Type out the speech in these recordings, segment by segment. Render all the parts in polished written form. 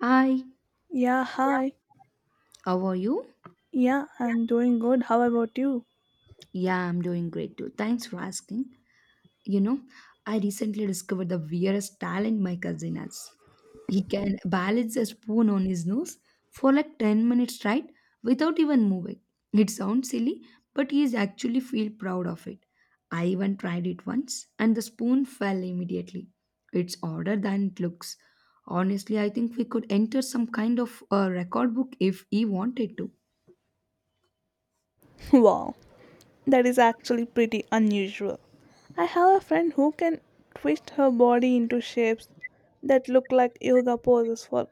Hi, yeah. Yeah, hi. How are you? Yeah, I'm doing good. How about you? Yeah, I'm doing great too. Thanks for asking. You know, I recently discovered the weirdest talent my cousin has. He can balance a spoon on his nose for like 10 minutes, right, without even moving. It sounds silly, but he is actually feel proud of it. I even tried it once and the spoon fell immediately. It's harder than it looks. Honestly, I think we could enter some kind of a record book if he wanted to. Wow, that is actually pretty unusual. I have a friend who can twist her body into shapes that look like yoga poses for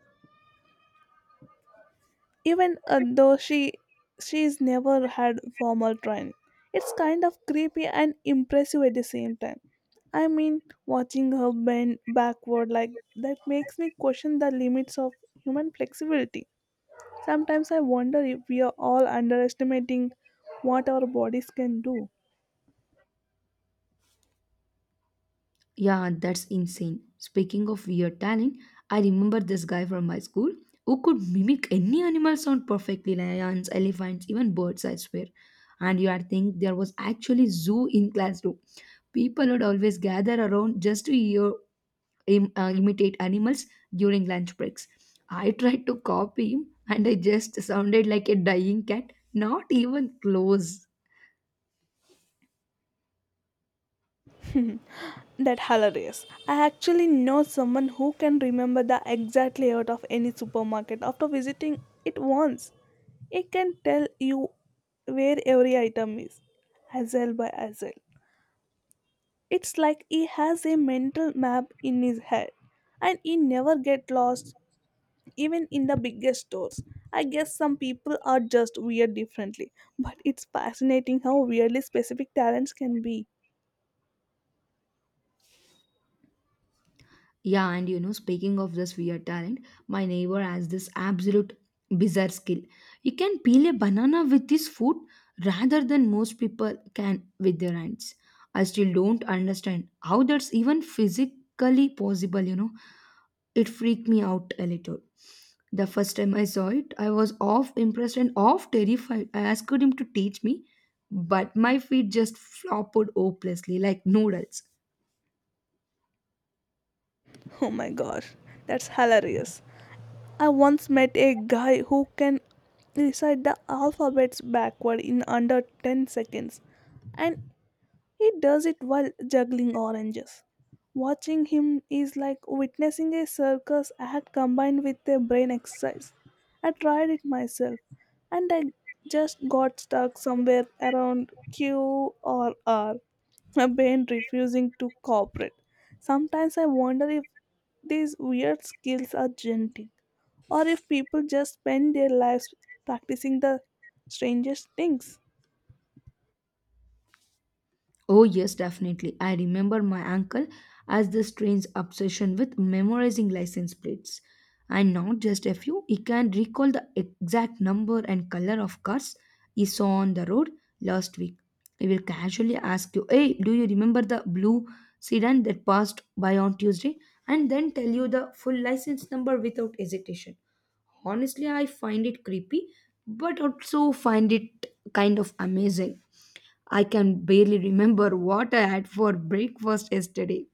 even though she's never had formal training. It's kind of creepy and impressive at the same time. I mean, watching her bend backward like that makes me question the limits of human flexibility. Sometimes I wonder if we are all underestimating what our bodies can do. Yeah, that's insane. Speaking of weird talent, I remember this guy from my school who could mimic any animal sound perfectly, lions, elephants, even birds, I swear. And you would think there was actually zoo in classroom. People would always gather around just to hear him imitate animals during lunch breaks. I tried to copy him and I just sounded like a dying cat, not even close. Mhm. That hilarious. I actually know someone who can remember the exact layout of any supermarket after visiting it once. It can tell you where every item is, aisle by aisle. It's like he has a mental map in his head and he never get lost even in the biggest stores. I guess some people are just weird differently, but it's fascinating how weirdly specific talents can be. Yeah, and you know, speaking of this weird talent, my neighbor has this absolute bizarre skill. He can peel a banana with his foot rather than most people can with their hands. I still don't understand how that's even physically possible, you know. It freaked me out a little. The first time I saw it, I was off impressed and off terrified. I asked him to teach me, but my feet just flopped hopelessly like noodles. Oh my gosh, that's hilarious. I once met a guy who can recite the alphabets backward in under 10 seconds, and he does it while juggling oranges. Watching him is like witnessing a circus act combined with a brain exercise. I tried it myself and I just got stuck somewhere around Q or R, my brain refusing to cooperate. Sometimes I wonder if these weird skills are genetic or if people just spend their lives practicing the strangest things. Oh, yes, definitely. I remember my uncle as this train's obsession with memorizing license plates. And not just a few, he can recall the exact number and color of cars he saw on the road last week. He will casually ask you, "Hey, do you remember the blue sedan that passed by on Tuesday?" And then tell you the full license number without hesitation. Honestly, I find it creepy, but also find it kind of amazing. I can barely remember what I had for breakfast yesterday.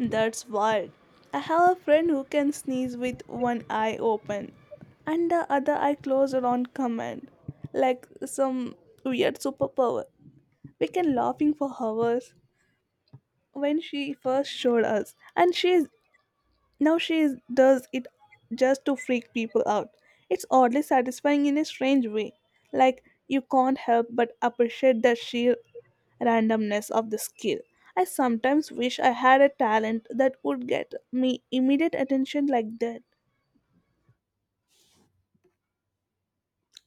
That's wild. I have a friend who can sneeze with one eye open and the other eye closed on command, like some weird superpower. We can laughing for hours when she first showed us, and she is now does it just to freak people out. It's oddly satisfying in a strange way. Like, you can't help but appreciate the sheer randomness of the skill. I sometimes wish I had a talent that would get me immediate attention like that.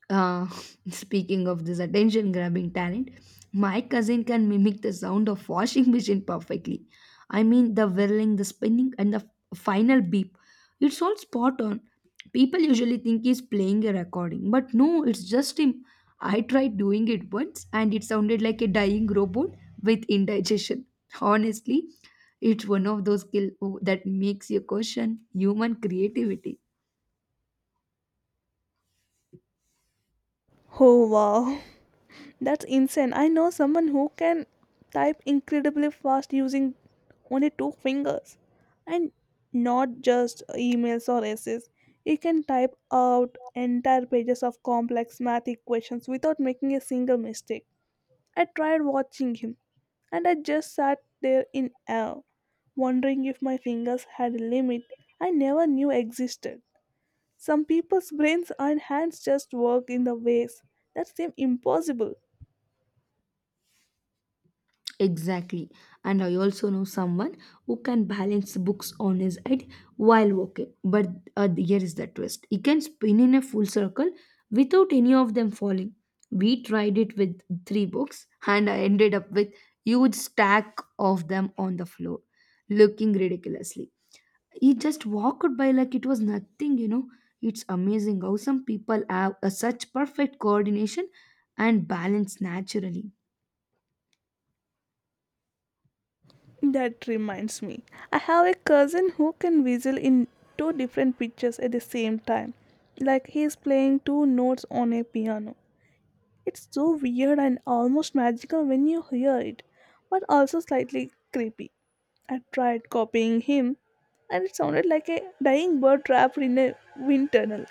Uh, speaking of this attention grabbing talent, my cousin can mimic the sound of washing machine perfectly. I mean, the whirling, the spinning, and the final beep. It's all spot on. People usually think he's playing a recording, but no, it's just him. I tried doing it once and it sounded like a dying robot with indigestion. Honestly, it's one of those skill oh, that makes you question human creativity. Oh wow. That's insane. I know someone who can type incredibly fast using only two fingers. And not just emails or essays. He can type out entire pages of complex math equations without making a single mistake. I tried watching him and I just sat there in awe, wondering if my fingers had a limit I never knew existed. Some people's brains and hands just work in the ways that seem impossible. Exactly. And I also know someone who can balance books on his head while walking. But here is the twist, he can spin in a full circle without any of them falling. We tried it with three books, and I ended up with huge stack of them on the floor, looking ridiculously. He just walked by like it was nothing, you know. It's amazing how some people have a such perfect coordination and balance naturally. That reminds me, I have a cousin who can whistle in two different pictures at the same time, like he is playing two notes on a piano. It's so weird and almost magical when you hear it, but also slightly creepy. I tried copying him, and it sounded like a dying bird trapped in a wind tunnel.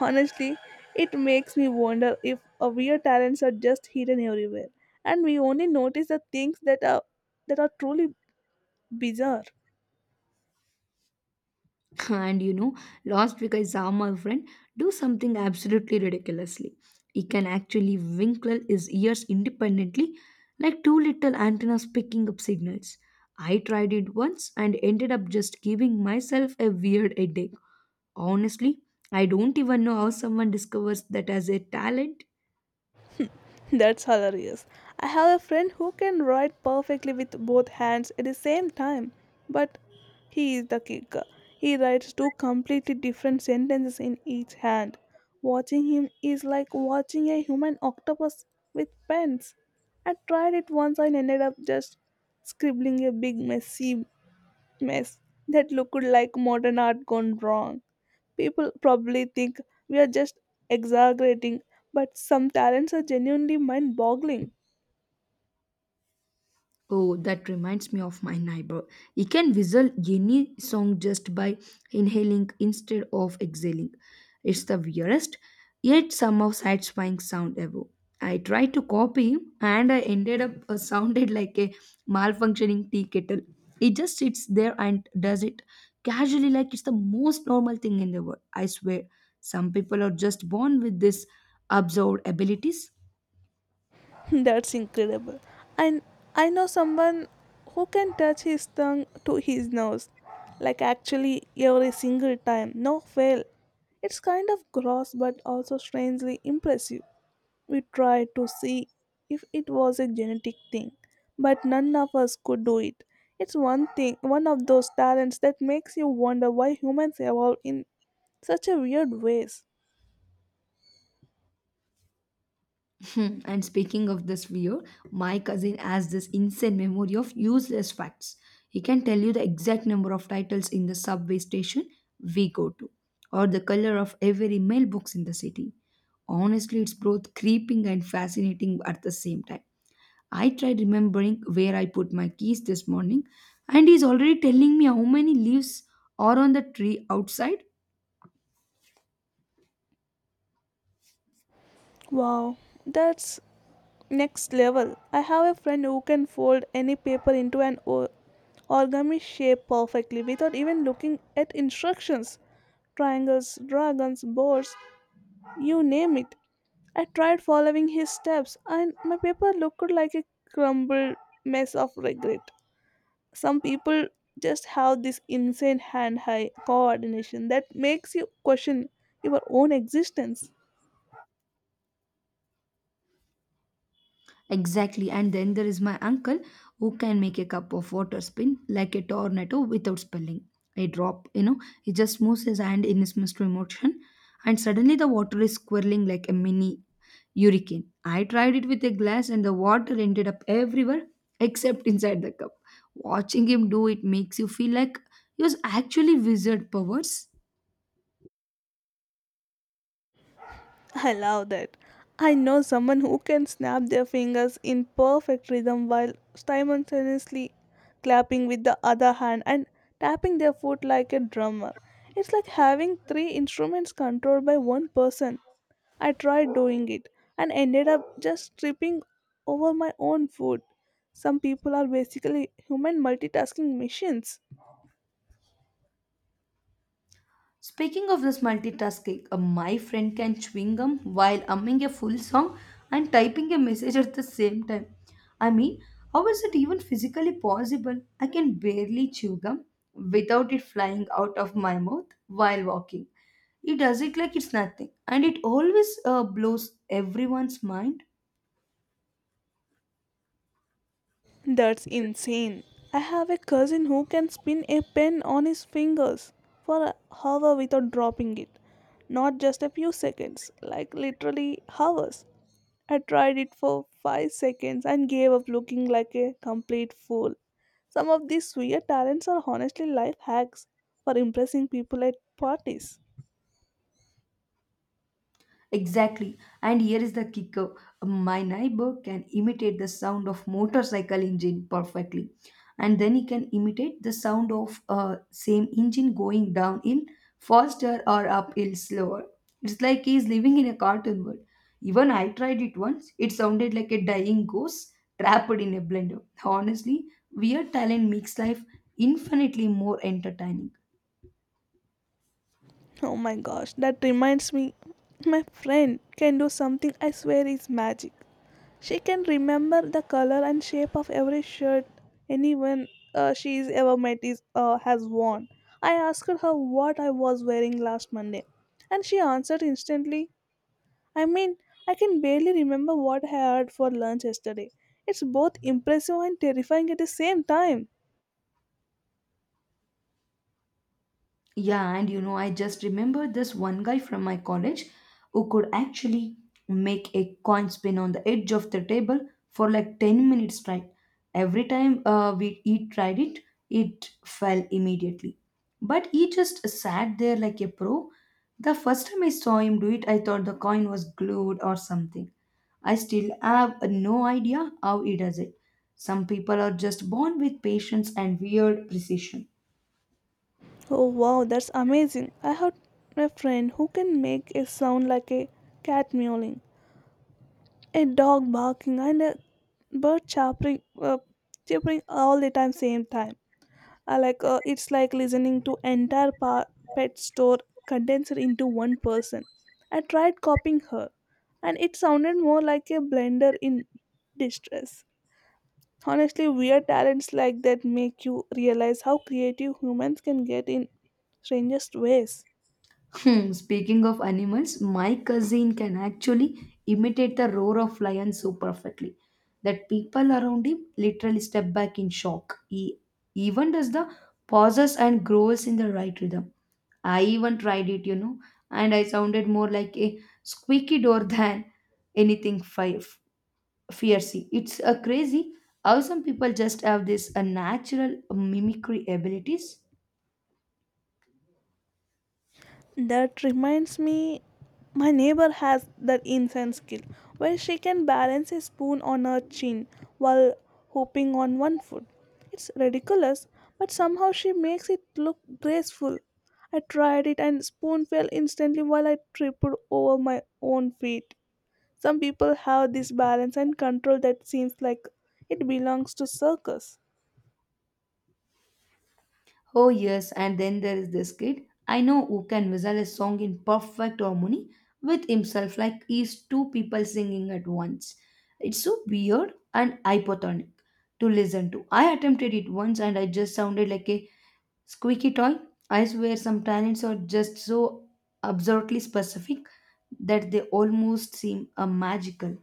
Honestly, it makes me wonder if our weird talents are just hidden everywhere, and we only notice the things that are truly bizarre. And you know, last week I saw my friend do something absolutely ridiculously. He can actually winkle his ears independently, like two little antennas picking up signals. I tried it once and ended up just giving myself a weird headache. Honestly, I don't even know how someone discovers that as a talent. That's hilarious. I have a friend who can write perfectly with both hands at the same time, but he is the kicker. He writes two completely different sentences in each hand. Watching him is like watching a human octopus with pens. I tried it once and ended up just scribbling a big messy mess that looked like modern art gone wrong. People probably think we are just exaggerating, but some talents are genuinely mind boggling. Oh, that reminds me of my neighbor. He can whistle any song just by inhaling instead of exhaling. It's the weirdest, yet somehow satisfying sound ever. I tried to copy him and I ended up sounded like a malfunctioning tea kettle. It just sits there and does it casually like it's the most normal thing in the world. I swear, some people are just born with this absurd abilities. That's incredible. And I know someone who can touch his tongue to his nose, like actually every single time, no fail. It's kind of gross but also strangely impressive. We tried to see if it was a genetic thing, but none of us could do it. It's one thing, one of those talents that makes you wonder why humans evolve in such a weird ways. Hmm, and speaking of this view, my cousin has this insane memory of useless facts. He can tell you the exact number of titles in the subway station we go to, or the color of every mailbox in the city. Honestly, it's both creeping and fascinating at the same time. I tried remembering where I put my keys this morning, and he's already telling me how many leaves are on the tree outside. Wow, that's next level. I have a friend who can fold any paper into an origami shape perfectly without even looking at instructions. Triangles, dragons, boards, you name it. I tried following his steps, and my paper looked like a crumbled mess of regret. Some people just have this insane hand eye coordination that makes you question your own existence. Exactly. And then there is my uncle who can make a cup of water spin like a tornado without spilling a drop. You know, he just moves his hand in his mystery motion, and suddenly the water is swirling like a mini hurricane. I tried it with a glass, and the water ended up everywhere except inside the cup. Watching him do it makes you feel like he was actually wizard powers. I love that. I know someone who can snap their fingers in perfect rhythm while simultaneously clapping with the other hand and tapping their foot like a drummer. It's like having three instruments controlled by one person. I tried doing it and ended up just tripping over my own foot. Some people are basically human multitasking machines. Speaking of this multitasking, my friend can chewing gum while humming a full song and typing a message at the same time. I mean, how is it even physically possible? I can barely chew gum without it flying out of my mouth while walking. He does it like it's nothing, and it always blows everyone's mind. That's insane. I have a cousin who can spin a pen on his fingers for a hour without dropping it. Not just a few seconds, like literally hours. I tried it for 5 seconds and gave up looking like a complete fool. Some of these weird talents are honestly life hacks for impressing people at parties. Exactly. And here is the kicker. My neighbor can imitate the sound of motorcycle engine perfectly. And then he can imitate the sound of same engine going downhill faster or uphill slower. It's like he's living in a cartoon world. Even I tried it once. It sounded like a dying ghost trapped in a blender. Honestly, weird talent makes life infinitely more entertaining. Oh my gosh, that reminds me, my friend can do something I swear is magic. She can remember the color and shape of every shirt anyone she's ever met is, has worn. I asked her what I was wearing last Monday, and she answered instantly. I mean, I can barely remember what I had for lunch yesterday. It's both impressive and terrifying at the same time. Yeah, and you know, I just remember this one guy from my college who could actually make a coin spin on the edge of the table for like 10 minutes straight. Every time we he tried it, it fell immediately. But he just sat there like a pro. The first time I saw him do it, I thought the coin was glued or something. I still have no idea how he does it. Some people are just born with patience and weird precision. Oh wow, that's amazing. I have a friend who can make a sound like a cat mewling, a dog barking, and a bird chirping all the time same time. I like It's like listening to entire pet store condensed into one person. I tried copying her, and it sounded more like a blender in distress. Honestly, weird talents like that make you realize how creative humans can get in strangest ways. Hmm, speaking of animals, my cousin can actually imitate the roar of lions so perfectly that people around him literally step back in shock. He even does the pauses and growls in the right rhythm. I even tried it, you know, and I sounded more like a squeaky door than anything fiery. It's a crazy how some people just have this natural mimicry abilities. That reminds me, my neighbor has that incense skill where she can balance a spoon on her chin while hopping on one foot. It's ridiculous, but somehow she makes it look graceful. I tried it and spoon fell instantly while I tripped over my own feet. Some people have this balance and control that seems like it belongs to circus. Oh, yes, and then there is this kid I know who can whistle a song in perfect harmony with himself, like he's two people singing at once. It's so weird and hypotonic to listen to. I attempted it once and I just sounded like a squeaky toy. I swear, some talents are just so absurdly specific that they almost seem a magical.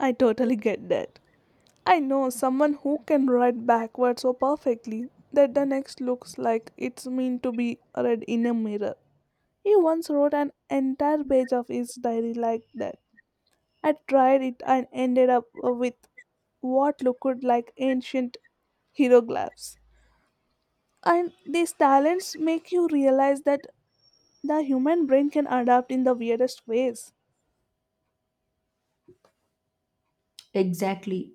I totally get that. I know someone who can write backwards so perfectly that the next looks like it's meant to be read in a mirror. He once wrote an entire page of his diary like that. I tried it and ended up with what looked like ancient hieroglyphs. And these talents make you realize that the human brain can adapt in the weirdest ways. Exactly.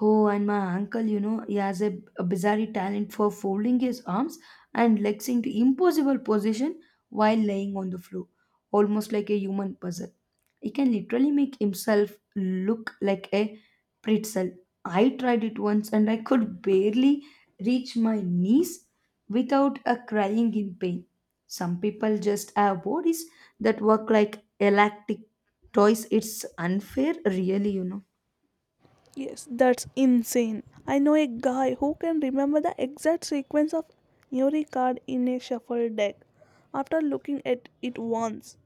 Oh, and my uncle, you know, he has a bizarre talent for folding his arms and legs into impossible position while laying on the floor, almost like a human puzzle. He can literally make himself look like a pretzel. I tried it once and I could barely reach my knees without a crying in pain. Some people just have bodies that work like elastic toys. It's unfair, really, you know. Yes, that's insane. I know a guy who can remember the exact sequence of every card in a shuffle deck after looking at it once.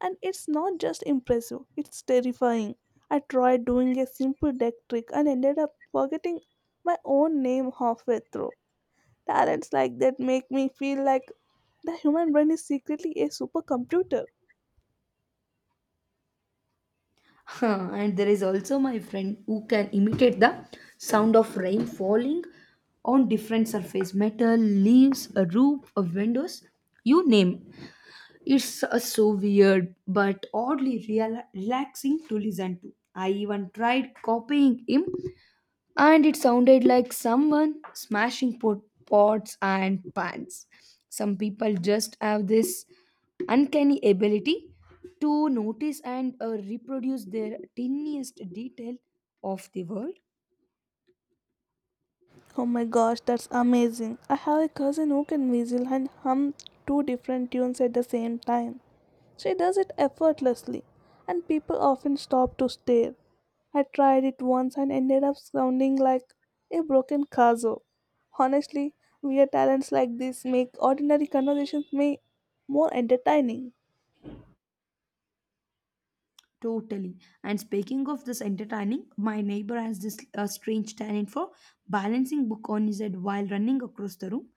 And it's not just impressive, it's terrifying. I tried doing a simple deck trick and ended up forgetting my own name halfway through. Talents like that make me feel like the human brain is secretly a supercomputer. Huh, and there is also my friend who can imitate the sound of rain falling on different surface metal leaves a roof a windows you name it's so weird but oddly relaxing to listen to. I even tried copying him and it sounded like someone smashing pots and pans. Some people just have this uncanny ability to notice and reproduce their tiniest detail of the world. Oh my gosh, that's amazing. I have a cousin who can whistle and hum two different tunes at the same time. She does it effortlessly, and people often stop to stare. I tried it once and ended up sounding like a broken kazoo. Honestly, weird talents like this make ordinary conversations may more entertaining. Totally. And speaking of this entertaining, my neighbor has this strange talent for balancing book on his head while running across the room.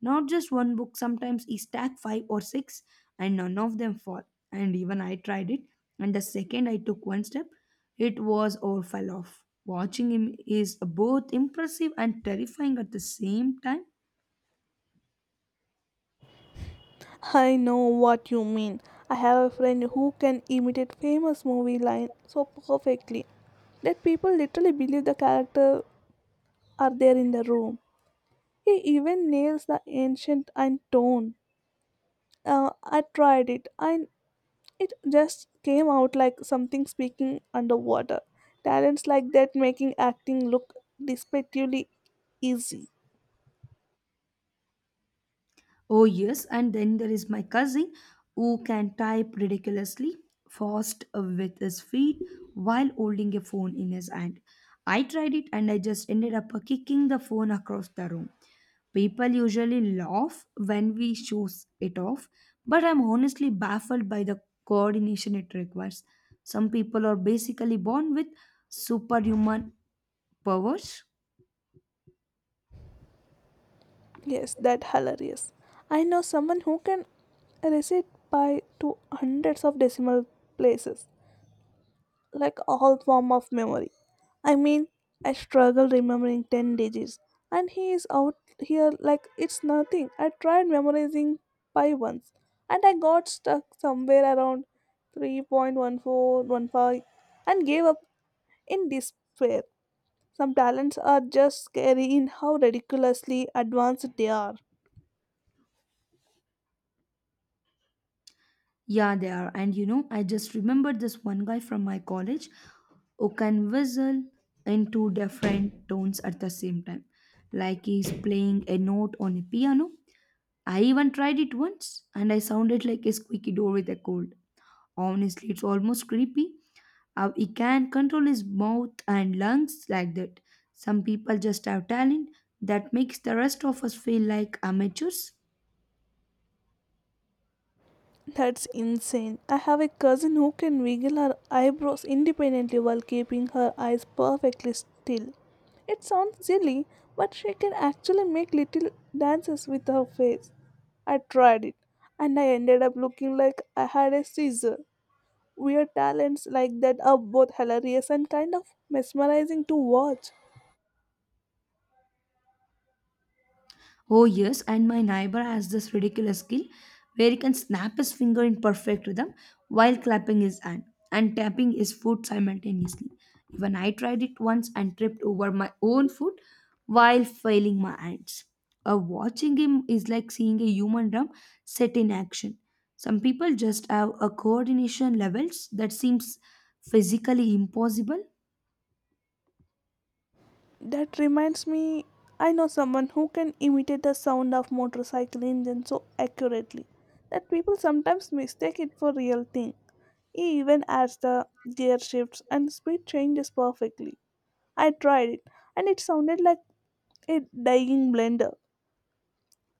Not just one book, sometimes he stack five or six and none of them fall. And even I tried it, and the second I took one step, it was all fell off. Watching him is both impressive and terrifying at the same time. I know what you mean. I have a friend who can imitate famous movie line so perfectly that people literally believe the character are there in the room. He even nails the ancient and tone. I tried it and it just came out like something speaking underwater. Talents like that making acting look despectively easy. Oh, yes, and then there is my cousin who can type ridiculously fast with his feet while holding a phone in his hand. I tried it and I just ended up kicking the phone across the room. People usually laugh when we show it off, but I'm honestly baffled by the coordination it requires. Some people are basically born with superhuman powers. Yes, that hilarious. I know someone who can recite by to hundreds of decimal places, like all form of memory. I mean, I struggle remembering 10 digits and he is out here like it's nothing. I tried memorizing pi once and I got stuck somewhere around 3.1415 and gave up in despair. Some talents are just scary in how ridiculously advanced they are. Yeah, they are. And you know, I just remembered this one guy from my college who can whistle in two different tones at the same time, like he's playing a note on a piano. I even tried it once and I sounded like a squeaky door with a cold. Honestly, it's almost creepy how he can control his mouth and lungs like that. Some people just have talent that makes the rest of us feel like amateurs. That's insane. I have a cousin who can wiggle her eyebrows independently while keeping her eyes perfectly still. It sounds silly, but she can actually make little dances with her face. I tried it, and I ended up looking like I had a seizure. Weird talents like that are both hilarious and kind of mesmerizing to watch. Oh, yes, and my neighbor has this ridiculous skill where he can snap his finger in perfect rhythm while clapping his hand and tapping his foot simultaneously. Even I tried it once and tripped over my own foot while failing my hands. Watching him is like seeing a human drum set in action. Some people just have a coordination levels that seems physically impossible. That reminds me, I know someone who can imitate the sound of motorcycle engine so accurately that people sometimes mistake it for real thing. He even adds the gear shifts and speed changes perfectly. I tried it and it sounded like a dying blender.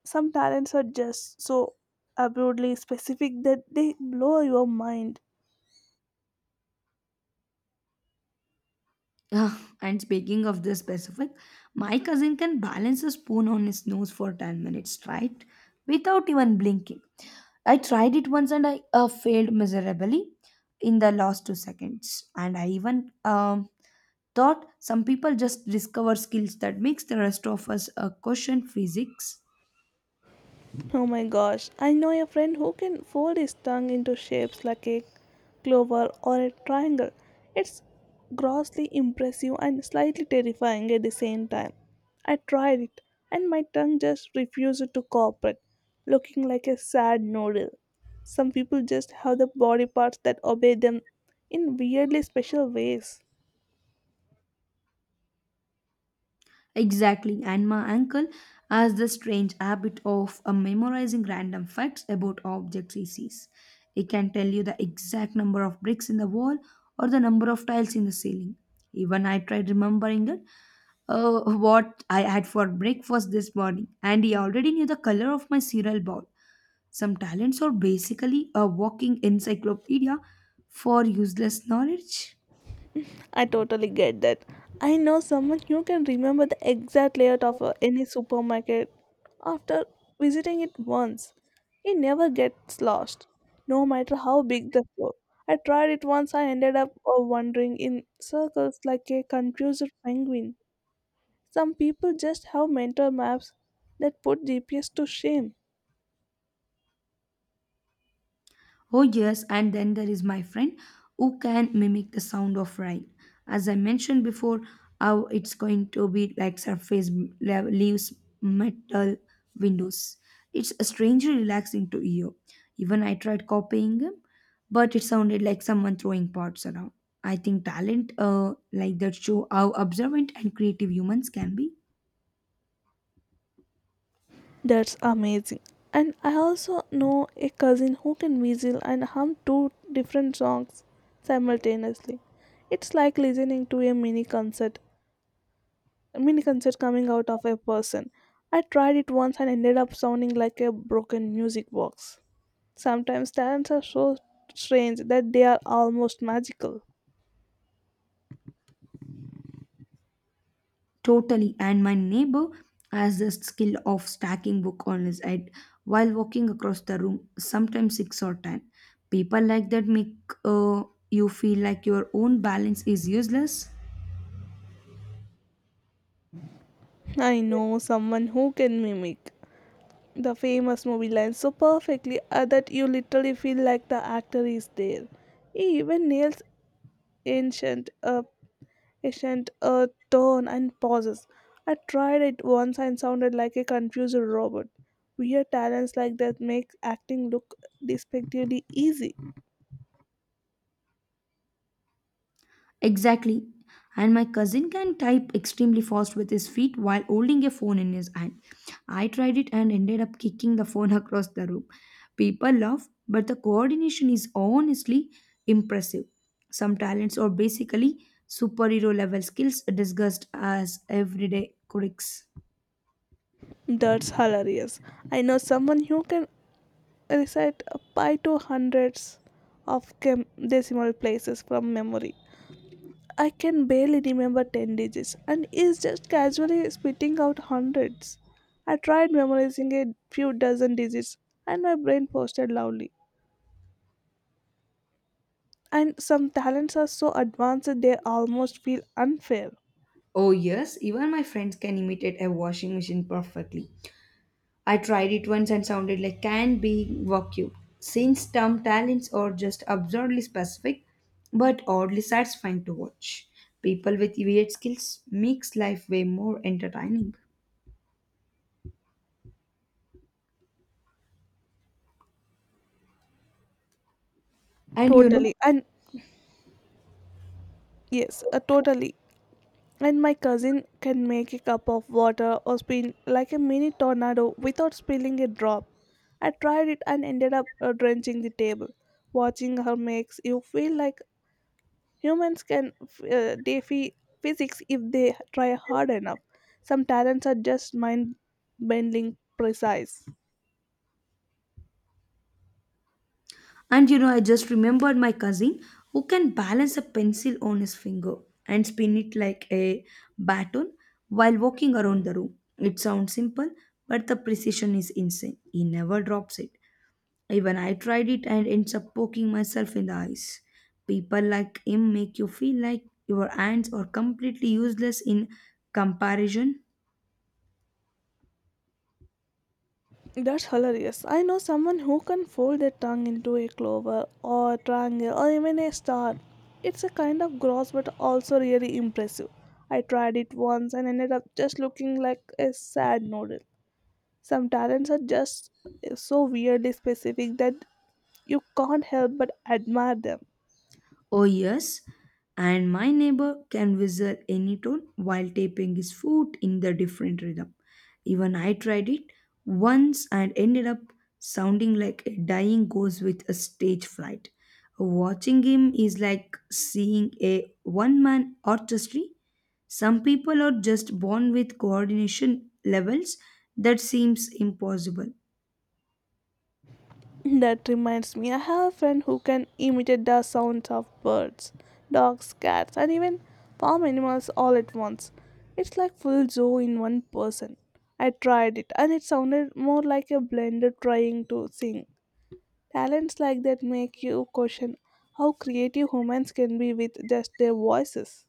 Some talents are just so absurdly specific that they blow your mind. Ah, and speaking of this specific, my cousin can balance a spoon on his nose for 10 minutes, right? Without even blinking. I tried it once and I failed miserably in the last 2 seconds. And I even thought some people just discover skills that makes the rest of us question physics. Oh my gosh, I know a friend who can fold his tongue into shapes like a clover or a triangle. It's grossly impressive and slightly terrifying at the same time. I tried it, and my tongue just refused to cooperate, looking like a sad noodle. Some people just have the body parts that obey them in weirdly special ways. Exactly, and my uncle has the strange habit of memorizing random facts about objects he sees. He can tell you the exact number of bricks in the wall or the number of tiles in the ceiling. Even I tried remembering it, what I had for breakfast this morning, and he already knew the color of my cereal bowl. Some talents are basically a walking encyclopedia for useless knowledge. I totally get that. I know someone who can remember the exact layout of any supermarket after visiting it once. It never gets lost, no matter how big the store. I tried it once, I ended up wandering in circles like a confused penguin. Some people just have mental maps that put GPS to shame. Oh, yes, and then there is my friend who can mimic the sound of rain. As I mentioned before, how it's going to be like surface leaves, metal windows. It's strangely relaxing to hear. Even I tried copying him, but it sounded like someone throwing pots around. I think talent like that show how observant and creative humans can be. That's amazing. And I also know a cousin who can whistle and hum two different songs simultaneously. It's like listening to a mini concert coming out of a person. I tried it once and ended up sounding like a broken music box. Sometimes talents are so strange that they are almost magical. Totally. And my neighbor has the skill of stacking book on his head while walking across the room, sometimes six or ten. People like that make uh, you feel like your own balance is useless. I know someone who can mimic the famous movie line so perfectly that you literally feel like the actor is there. He even nails ancient, uh, ancient tone and pauses. I tried it once and sounded like a confused robot. Weird talents like that make acting look despectively easy. Exactly. And my cousin can type extremely fast with his feet while holding a phone in his hand. I tried it and ended up kicking the phone across the room. People laugh, but the coordination is honestly impressive. Some talents are basically superhero level skills discussed as everyday quirks. That's hilarious. I know someone who can recite pi to hundreds of decimal places from memory. I can barely remember 10 digits and is just casually spitting out hundreds. I tried memorizing a few dozen digits and my brain posted loudly. And some talents are so advanced that they almost feel unfair. Oh, yes, even my friends can imitate a washing machine perfectly. I tried it once and sounded like can being vacuum. Since term talents are just absurdly specific, but oddly satisfying to watch. People with weird skills makes life way more entertaining. And you know, Totally. And yes, totally. And my cousin can make a cup of water or spin like a mini tornado without spilling a drop. I tried it and ended up drenching the table. Watching her makes you feel like humans can defy physics if they try hard enough. Some talents are just mind bending precise. and you know, I just remembered my cousin who can balance a pencil on his finger and spin it like a baton while walking around the room. It sounds simple, but the precision is insane. He never drops it. Even I tried it and ends up poking myself in the eyes. People like him make you feel like your hands are completely useless in comparison. That's hilarious. I know someone who can fold their tongue into a clover or triangle or even a star. It's a kind of gross but also really impressive. I tried it once and ended up just looking like a sad noodle. Some talents are just so weirdly specific that you can't help but admire them. Oh, yes, and my neighbor can whistle any tone while tapping his foot in the different rhythm. Even I tried it once and ended up sounding like a dying ghost with a stage fright. Watching him is like seeing a one man orchestra. Some people are just born with coordination levels that seems impossible. That reminds me, I have a friend who can imitate the sounds of birds, dogs, cats, and even farm animals all at once. It's like full zoo in one person. I tried it and it sounded more like a blender trying to sing. Talents like that make you question how creative humans can be with just their voices.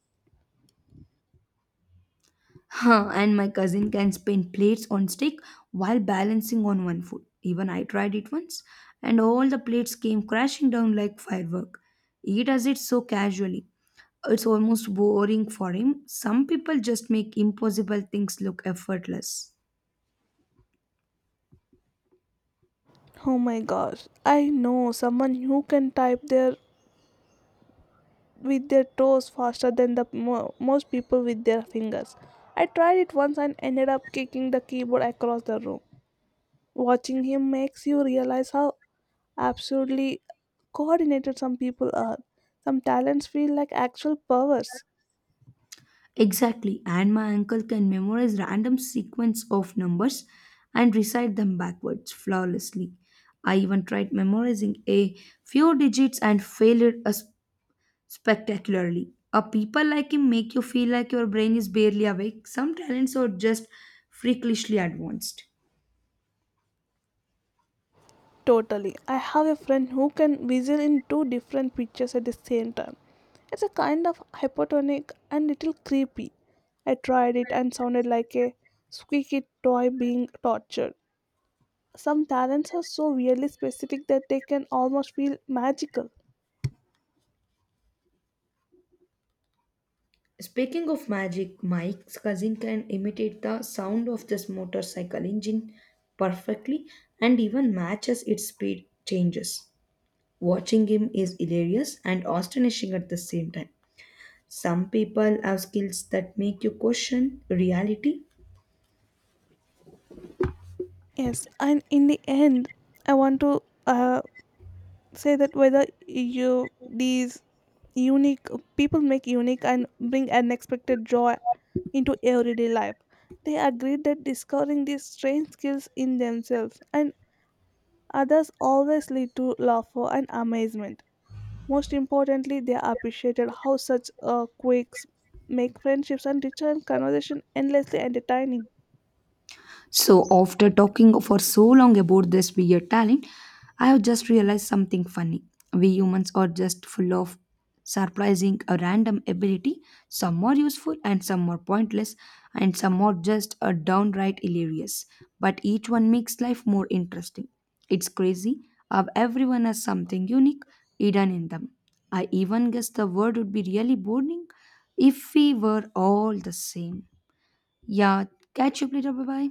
Huh, and my cousin can spin plates on stick while balancing on one foot. Even I tried it once, and all the plates came crashing down like firework. He does it so casually. It's almost boring for him. Some people just make impossible things look effortless. Oh my gosh, I know someone who can type their with their toes faster than the most people with their fingers. I tried it once and ended up kicking the keyboard across the room. Watching him makes you realize how absurdly coordinated some people are. Some talents feel like actual powers. Exactly, and my uncle can memorize random sequence of numbers and recite them backwards flawlessly. I even tried memorizing a few digits and failed as spectacularly. A people like him make you feel like your brain is barely awake. Some talents are just freakishly advanced. Totally. I have a friend who can whistle in two different pitches at the same time. It's a kind of hypotonic and little creepy. I tried it and sounded like a squeaky toy being tortured. Some talents are so really specific that they can almost feel magical. Speaking of magic, Mike's cousin can imitate the sound of this motorcycle engine perfectly and even matches its speed changes. Watching him is hilarious and astonishing at the same time. Some people have skills that make you question reality. Yes, and in the end, I want to uh, say that whether you these unique people make unique and bring unexpected joy into everyday life. They agreed that discovering these strange skills in themselves and others always lead to laughter and amazement. Most importantly, they appreciated how such quirks make friendships and return conversation endlessly entertaining. So, after talking for so long about this weird talent, I have just realized something funny. We humans are just full of surprising a random ability. Some are useful and some are pointless, and some are just a downright hilarious. But each one makes life more interesting. It's crazy how everyone has something unique hidden in them. I even guess the world would be really boring if we were all the same. Yeah, catch you up later. Bye bye.